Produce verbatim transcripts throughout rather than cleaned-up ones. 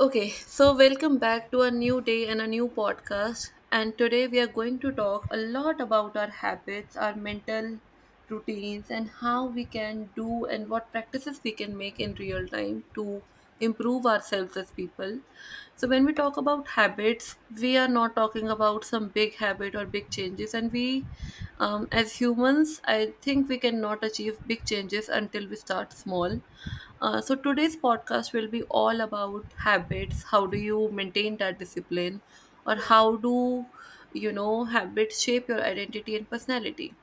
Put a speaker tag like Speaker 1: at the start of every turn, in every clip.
Speaker 1: Okay, so welcome back to a new day and a new podcast. And today we are going to talk a lot about our habits, our mental routines, and how we can do and what practices we can make in real time to improve ourselves as people. So, when we talk about habits, we are not talking about some big habit or big changes, and we um, as humans, I think we cannot achieve big changes until we start small. Uh, so today's podcast will be all about habits. How do you maintain that discipline, or
Speaker 2: Yeah,
Speaker 1: how do you know habits shape your identity and personality?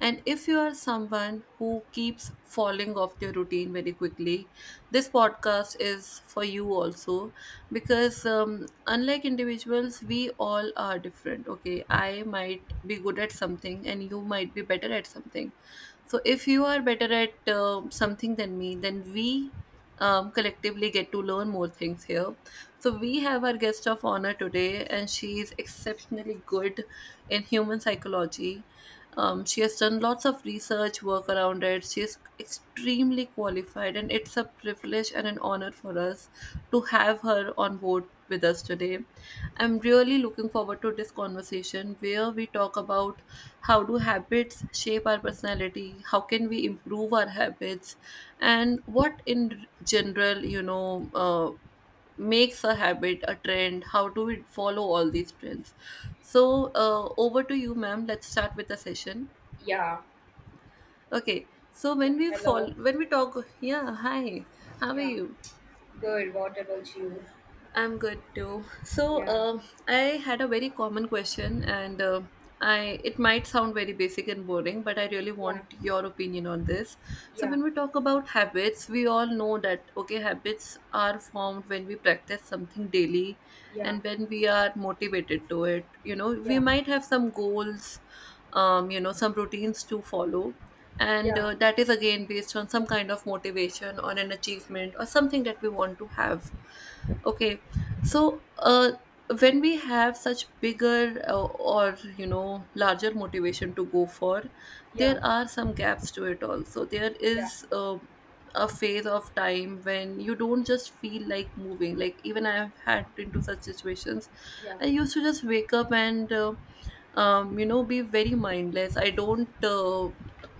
Speaker 1: And if you are someone who keeps falling off their routine very quickly, this podcast is for you also because um, unlike individuals, we all are different. Okay, I might be good at something and you might be better at something, so if you are better at uh, something than me, then we um, collectively get to learn more things here. So we have our guest of honor today, and she is exceptionally good in human psychology. Um, she has done lots of research work around it. She is extremely qualified, and it's a privilege and an honor for us to have her on board with us today. I'm really looking forward to this conversation where we talk about how do habits shape our personality, how can we improve our habits, and what in general, you know, uh, makes a habit a trend, how do we follow all these trends. So, uh, over to you, ma'am. Let's start with the session.
Speaker 2: yeah,
Speaker 1: Okay. So
Speaker 2: yeah,
Speaker 1: when we
Speaker 2: hello.
Speaker 1: fall, when we talk, yeah, hi, how are
Speaker 2: Yeah,
Speaker 1: you?
Speaker 2: good. What about you?
Speaker 1: I'm good too. So,
Speaker 2: Yeah.
Speaker 1: um I had a very common question, and uh, I it might sound very basic and boring, but I really
Speaker 2: Yeah,
Speaker 1: want your opinion on this. So,
Speaker 2: yeah,
Speaker 1: when we talk about habits, we all know that okay, habits are formed when we practice something daily,
Speaker 2: yeah.
Speaker 1: and when we are motivated to it. You know,
Speaker 2: Yeah,
Speaker 1: we
Speaker 2: yeah,
Speaker 1: might have some goals, um, you know, some routines to follow. And
Speaker 2: yeah.
Speaker 1: uh, that is again based on some kind of motivation or an achievement or something that we want to have, okay. So, uh, when we have such bigger uh, or you know larger motivation to go for,
Speaker 2: Yeah.
Speaker 1: there are some gaps to it also. There is uh, a phase of time when you don't just feel like moving. Like, even I've had into such situations.
Speaker 2: Yeah,
Speaker 1: I used to just wake up and Uh, um, you know, be very mindless. I don't. uh,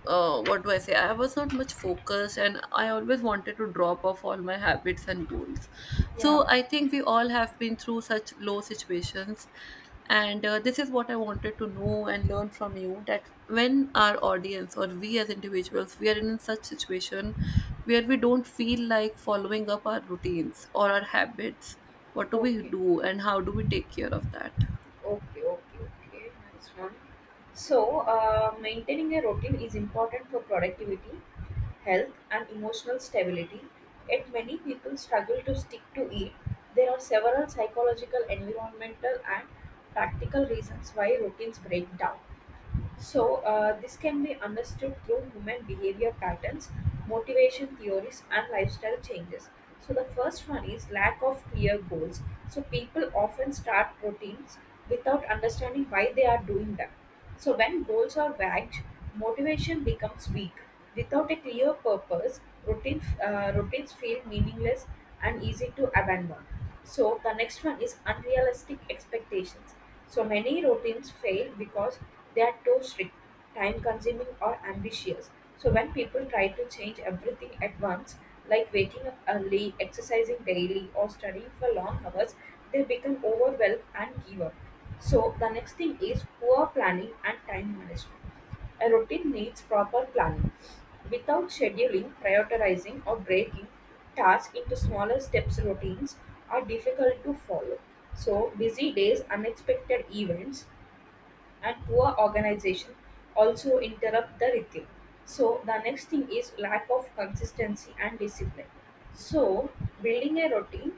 Speaker 1: uh, What do I say? I was not much focused, and I always wanted to drop off all my habits and goals.
Speaker 2: yeah.
Speaker 1: So I think we all have been through such low situations, and uh, this is what I wanted to know and learn from you, that when our audience or we as individuals we are in such situation where we don't feel like following up our routines or our habits, what do we
Speaker 2: Okay,
Speaker 1: do and how do we take care of that?
Speaker 2: okay, okay, okay. Nice one. So, uh, maintaining a routine is important for productivity, health, and emotional stability. Yet, many people struggle to stick to it. There are several psychological, environmental, and practical reasons why routines break down. So, uh, this can be understood through human behavior patterns, motivation theories, and lifestyle changes. So, the first one is lack of clear goals. So, people often start routines without understanding why they are doing them. So, when goals are vague, motivation becomes weak. Without a clear purpose, routine, uh, routines feel meaningless and easy to abandon. So the next one is unrealistic expectations. So many routines fail because they are too strict, time consuming or ambitious. So when people try to change everything at once, like waking up early, exercising daily, or studying for long hours, they become overwhelmed and give up. So, the next thing is poor planning and time management. A routine needs proper planning. Without scheduling, prioritizing, or breaking tasks into smaller steps, routines are difficult to follow. So, busy days, unexpected events, and poor organization also interrupt the rhythm. So the next thing is lack of consistency and discipline. So building a routine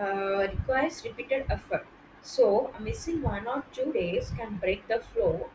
Speaker 2: uh, requires repeated effort. So missing one or two days can break the flow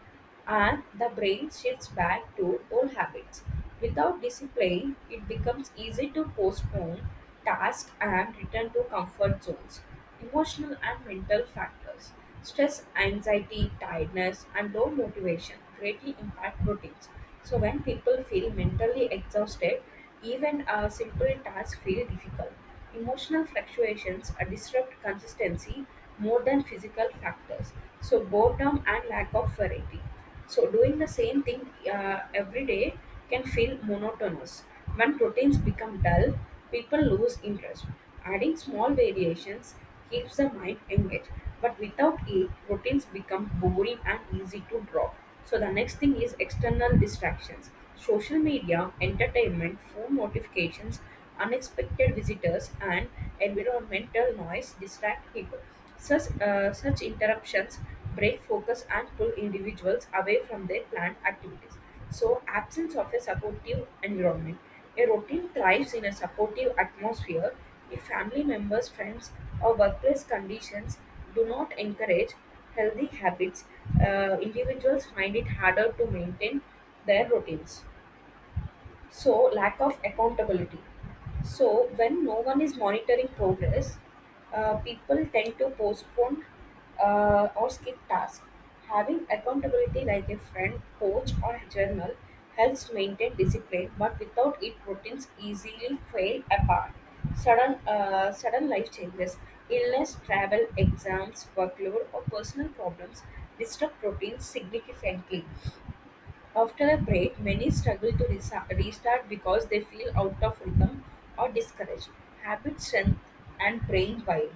Speaker 2: and the brain shifts back to old habits. Without discipline, it becomes easy to postpone tasks and return to comfort zones. Emotional and mental factors, stress, anxiety, tiredness, and low motivation greatly impact routines. So, when people feel mentally exhausted, even a simple task feels difficult. Emotional fluctuations are disrupt consistency more than physical factors. So boredom and lack of variety. So doing the same thing uh, every day can feel monotonous. When routines become dull, people lose interest. Adding small variations keeps the mind engaged. But without it, routines become boring and easy to drop. So the next thing is external distractions. Social media, entertainment, phone notifications unexpected visitors, and environmental noise distract people. Such, uh, such interruptions break focus and pull individuals away from their planned activities. So, absence of a supportive environment. A routine thrives in a supportive atmosphere if family members, friends, or workplace conditions do not encourage healthy habits, uh, individuals find it harder to maintain their routines. So, lack of accountability. So, when no one is monitoring progress, uh, people tend to postpone uh, or skip tasks. Having accountability like a friend, coach, or a journal helps maintain discipline, but without it, routines easily fall apart. Sudden, uh, sudden life changes, illness, travel, exams, workload, or personal problems disrupt routines significantly. After a break, many struggle to resa- restart because they feel out of rhythm or discouraged. Habit strength and brain wired.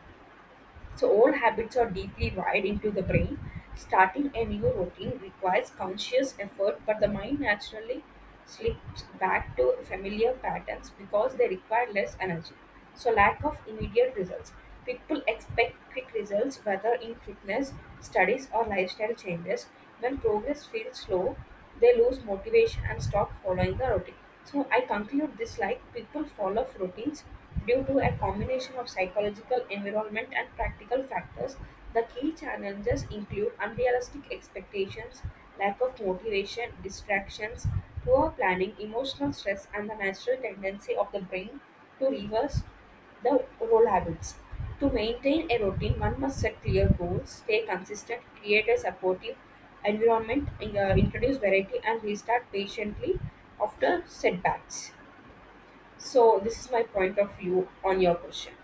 Speaker 2: So, old habits are deeply wired into the brain. Starting a new routine requires conscious effort, but the mind naturally slips back to familiar patterns because they require less energy. So, lack of immediate results. People expect quick results, whether in fitness, studies, or lifestyle changes. When progress feels slow, they lose motivation and stop following the routine. So, I conclude this like people follow routines due to a combination of psychological, environment, and practical factors. The key challenges include unrealistic expectations, lack of motivation, distractions, poor planning, emotional stress, and the natural tendency of the brain to reverse the role habits. To maintain a routine, one must set clear goals, stay consistent, create a supportive environment, uh, introduce variety, and restart patiently after setbacks. So this is my point of view on your question.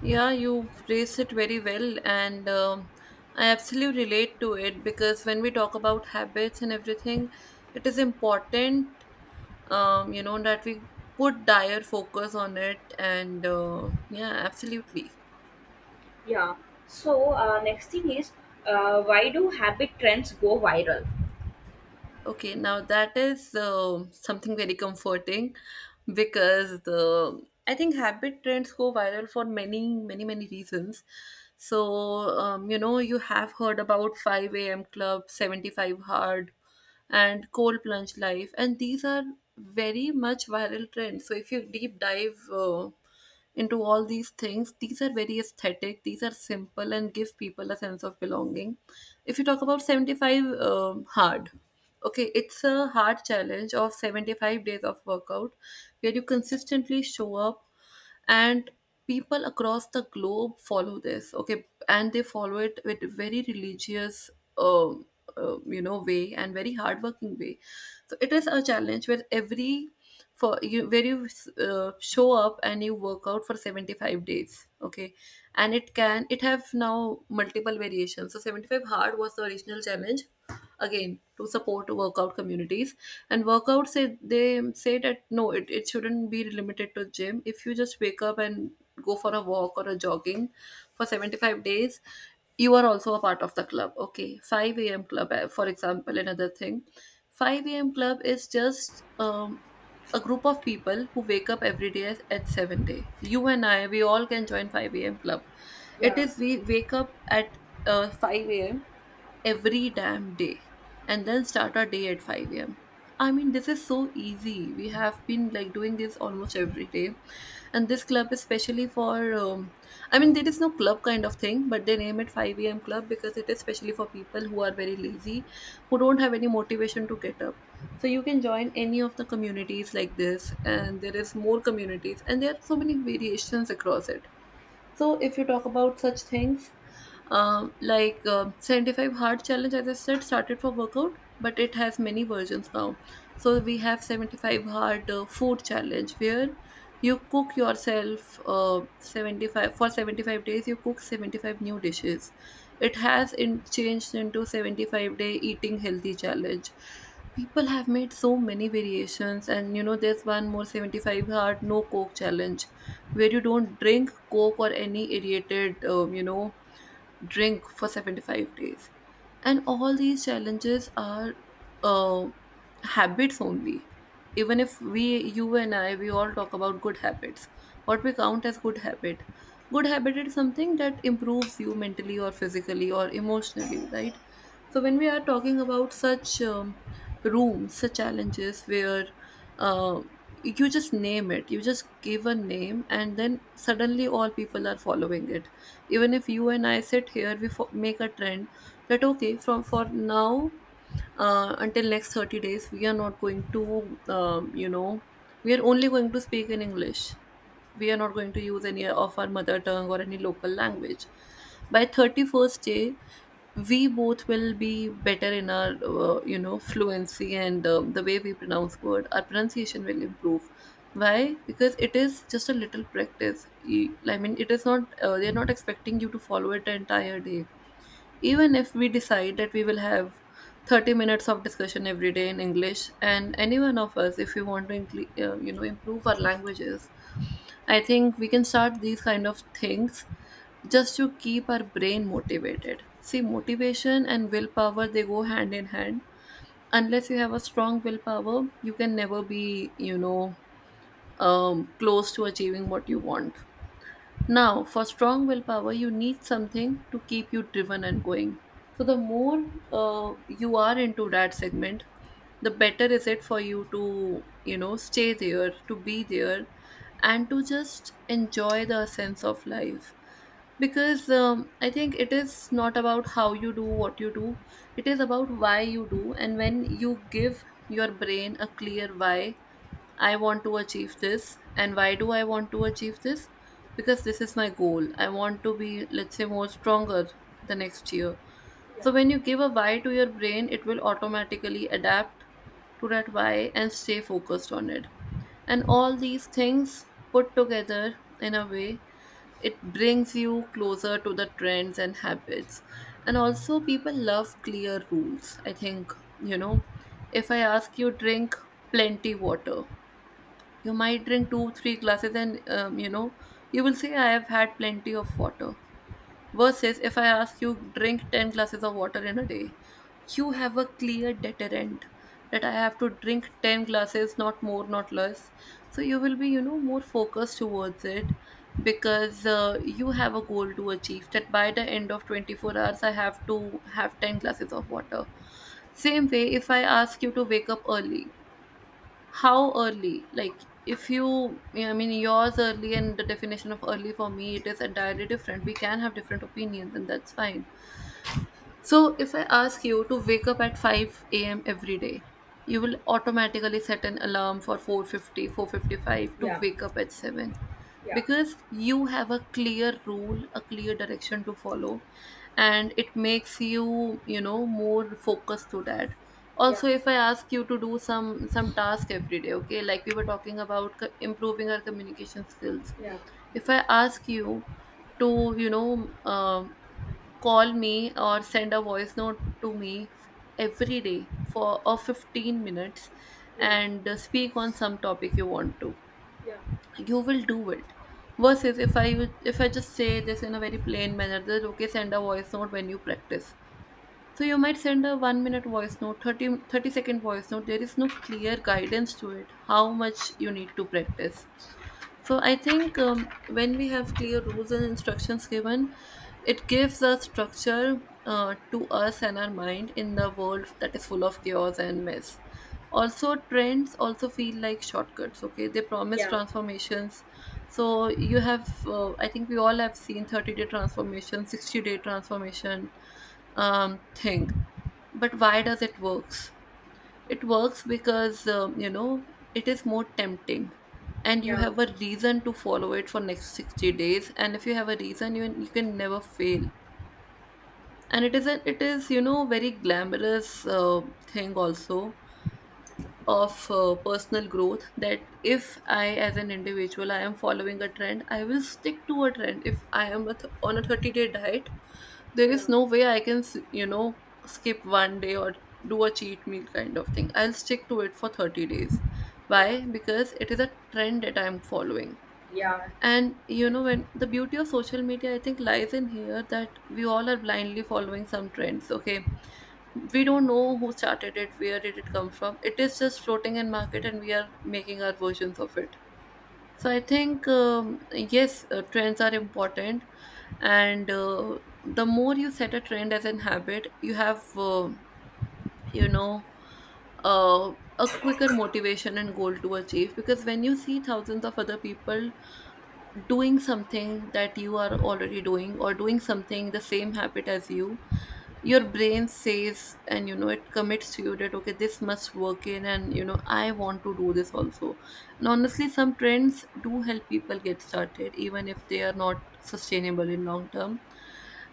Speaker 1: Yeah, you raised it very well, and um, I absolutely relate to it because when we talk about habits and everything, it is important, um, you know, that we put dire focus on it, and uh, yeah, absolutely.
Speaker 2: Yeah. So uh, next thing is, uh, why do habit trends go viral?
Speaker 1: Okay, now that is uh, something very comforting because the I think habit trends go viral for many, many, many reasons. So, um, you know, you have heard about five a m club, seventy-five hard, and cold plunge life, and these are very much viral trends. So, if you deep dive uh, into all these things. These are very aesthetic, these are simple, and give people a sense of belonging. If you talk about seventy-five um, hard, okay, it's a hard challenge of seventy-five days of workout where you consistently show up, and people across the globe follow this, okay, and they follow it with very religious um, uh, you know way and very hardworking way. So it is a challenge where every for you where you uh, show up and you work out for seventy-five days, okay. And it can it have now multiple variations. So seventy-five hard was the original challenge, again, to support workout communities. And workout say they say that no, it, it shouldn't be limited to gym. If you just wake up and go for a walk or a jogging for seventy-five days, you are also a part of the club, okay. five a.m club, uh, for example, another thing. five a.m club is just um, a group of people who wake up every day at at seven day. You and I, we all can join five a.m club. It
Speaker 2: Yeah,
Speaker 1: is, we wake up at uh, five a.m every damn day, and then start our day at five a m. I mean, this is so easy. We have been like doing this almost every day. And this club is specially for, um, I mean, there is no club kind of thing, but they name it five a m club because it is specially for people who are very lazy, who don't have any motivation to get up. So you can join any of the communities like this, and there is more communities, and there are so many variations across it. So, if you talk about such things, um, like uh, seventy-five Hard Challenge, as I said, started for workout, but it has many versions now. So we have seventy-five hard uh, food challenge where you cook yourself, uh, seventy-five for seventy-five days, you cook seventy-five new dishes. It has in, changed into seventy-five day eating healthy challenge. People have made so many variations, and you know there's one more seventy-five hard no coke challenge where you don't drink coke or any irritated um, you know drink for seventy-five days. And all these challenges are uh, habits only. Even if we, you and I, we all talk about good habits, what we count as good habit. Good habit is something that improves you mentally or physically or emotionally, right? So when we are talking about such um, rooms, the challenges where uh, you just name it, you just give a name, and then suddenly all people are following it. Even if you and I sit here, we fo- make a trend that okay, from for now, uh, until next thirty days, we are not going to um, you know we are only going to speak in English. We are not going to use any of our mother tongue or any local language. By thirty-first day, we both will be better in our uh, you know fluency, and um, the way we pronounce word, our pronunciation will improve. Why? Because it is just a little practice. E- I mean, it is not uh, they are not expecting you to follow it the entire day. Even if we decide that we will have thirty minutes of discussion every day in English, and any one of us, if we want to incl- uh, you know improve our languages, I think we can start these kind of things just to keep our brain motivated. See, motivation and willpower, they go hand in hand. Unless you have a strong willpower, you can never be you know um, close to achieving what you want. Now, for strong willpower, you need something to keep you driven and going. So, the more uh, you are into that segment, the better is it for you to, you know, stay there, to be there, and to just enjoy the sense of life. Because um, I think it is not about how you do what you do, it is about why you do. And when you give your brain a clear why, I want to achieve this. And why do I want to achieve this? Because this is my goal. I want to be, let's say, more stronger the next year. So
Speaker 2: yeah,
Speaker 1: when you give a why to your brain, it will automatically adapt to that why and stay focused on it. And all these things put together in a way, it brings you closer to the trends and habits. And also, people love clear rules. I think, you know, if I ask you, drink plenty water, you might drink two, three glasses, and um, you know, you will say, I have had plenty of water. Versus if I ask you, drink ten glasses of water in a day, you have a clear deterrent that I have to drink ten glasses, not more, not less. So you will be, you know, more focused towards it because uh, you have a goal to achieve that by the end of twenty-four hours, I have to have ten glasses of water. Same way, if I ask you to wake up early, how early, like if you, yeah, I mean, yours early and the definition of early for me it is entirely different. We can have different opinions and that's fine. So, if I ask you to wake up at five a m every day, you will automatically set an alarm for four fifty, four fifty-five to
Speaker 2: yeah,
Speaker 1: wake up at seven
Speaker 2: yeah,
Speaker 1: because you have a clear rule, a clear direction to follow, and it makes you, you know, more focused to that.
Speaker 2: yeah,
Speaker 1: Also, if I ask you to do some some task every day, okay, like we were talking about co- improving our communication skills.
Speaker 2: yeah,
Speaker 1: If I ask you to, you know, um call me or send a voice note to me every day for or fifteen minutes
Speaker 2: yeah,
Speaker 1: and uh, speak on some topic you want to. You will do it versus if i would- if I just say this in a very plain manner that okay, send a voice note when you practice. So you might send a 1 minute voice note, thirty thirty second voice note. There is no clear guidance to it, how much you need to practice. So I think, um, when we have clear rules and instructions given, it gives a structure uh, to us and our mind in the world that is full of chaos and mess. Also, trends also feel like shortcuts. Okay, they promise
Speaker 2: yeah, yeah,
Speaker 1: transformations. So you have, uh, I think we all have seen thirty-day transformation, sixty-day transformation um, thing. But why does it work? It works because, um, you know, it is more tempting and you
Speaker 2: yeah,
Speaker 1: have a reason to follow it for next sixty days. And if you have a reason, you, you can never fail. And it is, a, it is, you know, very glamorous uh, thing also of uh, personal growth that if I, as an individual, I am following a trend, I will stick to a trend. If I am a th- on a thirty day diet, there
Speaker 2: yeah,
Speaker 1: is no way I can, s- you know, skip one day or do a cheat meal kind of thing. I'll stick to it for thirty days. Why? Because it is a trend that I'm following.
Speaker 2: yeah, yeah,
Speaker 1: And you know, when the beauty of social media, I think, lies in here that we all are blindly following some trends, okay? We don't know who started it, where did it come from. It is just floating in market and we are making our versions of it. So I think, um, yes, uh, trends are important, and uh, the more you set a trend as an habit you have uh, you know uh, a quicker motivation and goal to achieve because when you see thousands of other people doing something that you are already doing or doing something the same habit as you, your brain says and you know it commits to you that okay, this must work in, and you know I want to do this also. And honestly, some trends do help people get started even if they are not sustainable in long term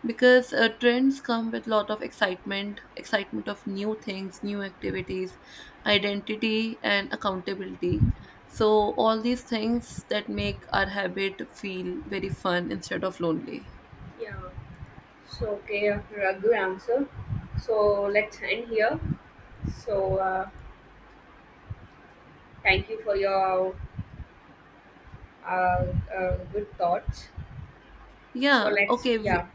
Speaker 1: because uh, trends come with a lot of excitement. Excitement of new things, new activities, identity and accountability. So all these things that make our habit feel very fun instead of lonely.
Speaker 2: yeah. So okay, a good answer. So let's end here. So uh, thank you for your uh, uh, good thoughts.
Speaker 1: Yeah,
Speaker 2: So let's
Speaker 1: okay.
Speaker 2: yeah,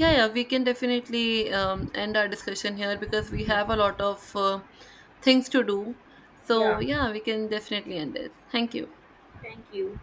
Speaker 1: Yeah, yeah, we can definitely um, end our discussion here because we
Speaker 2: yeah,
Speaker 1: have a lot of uh, things to do. So,
Speaker 2: yeah.
Speaker 1: yeah, we can definitely end it. Thank you.
Speaker 2: Thank you.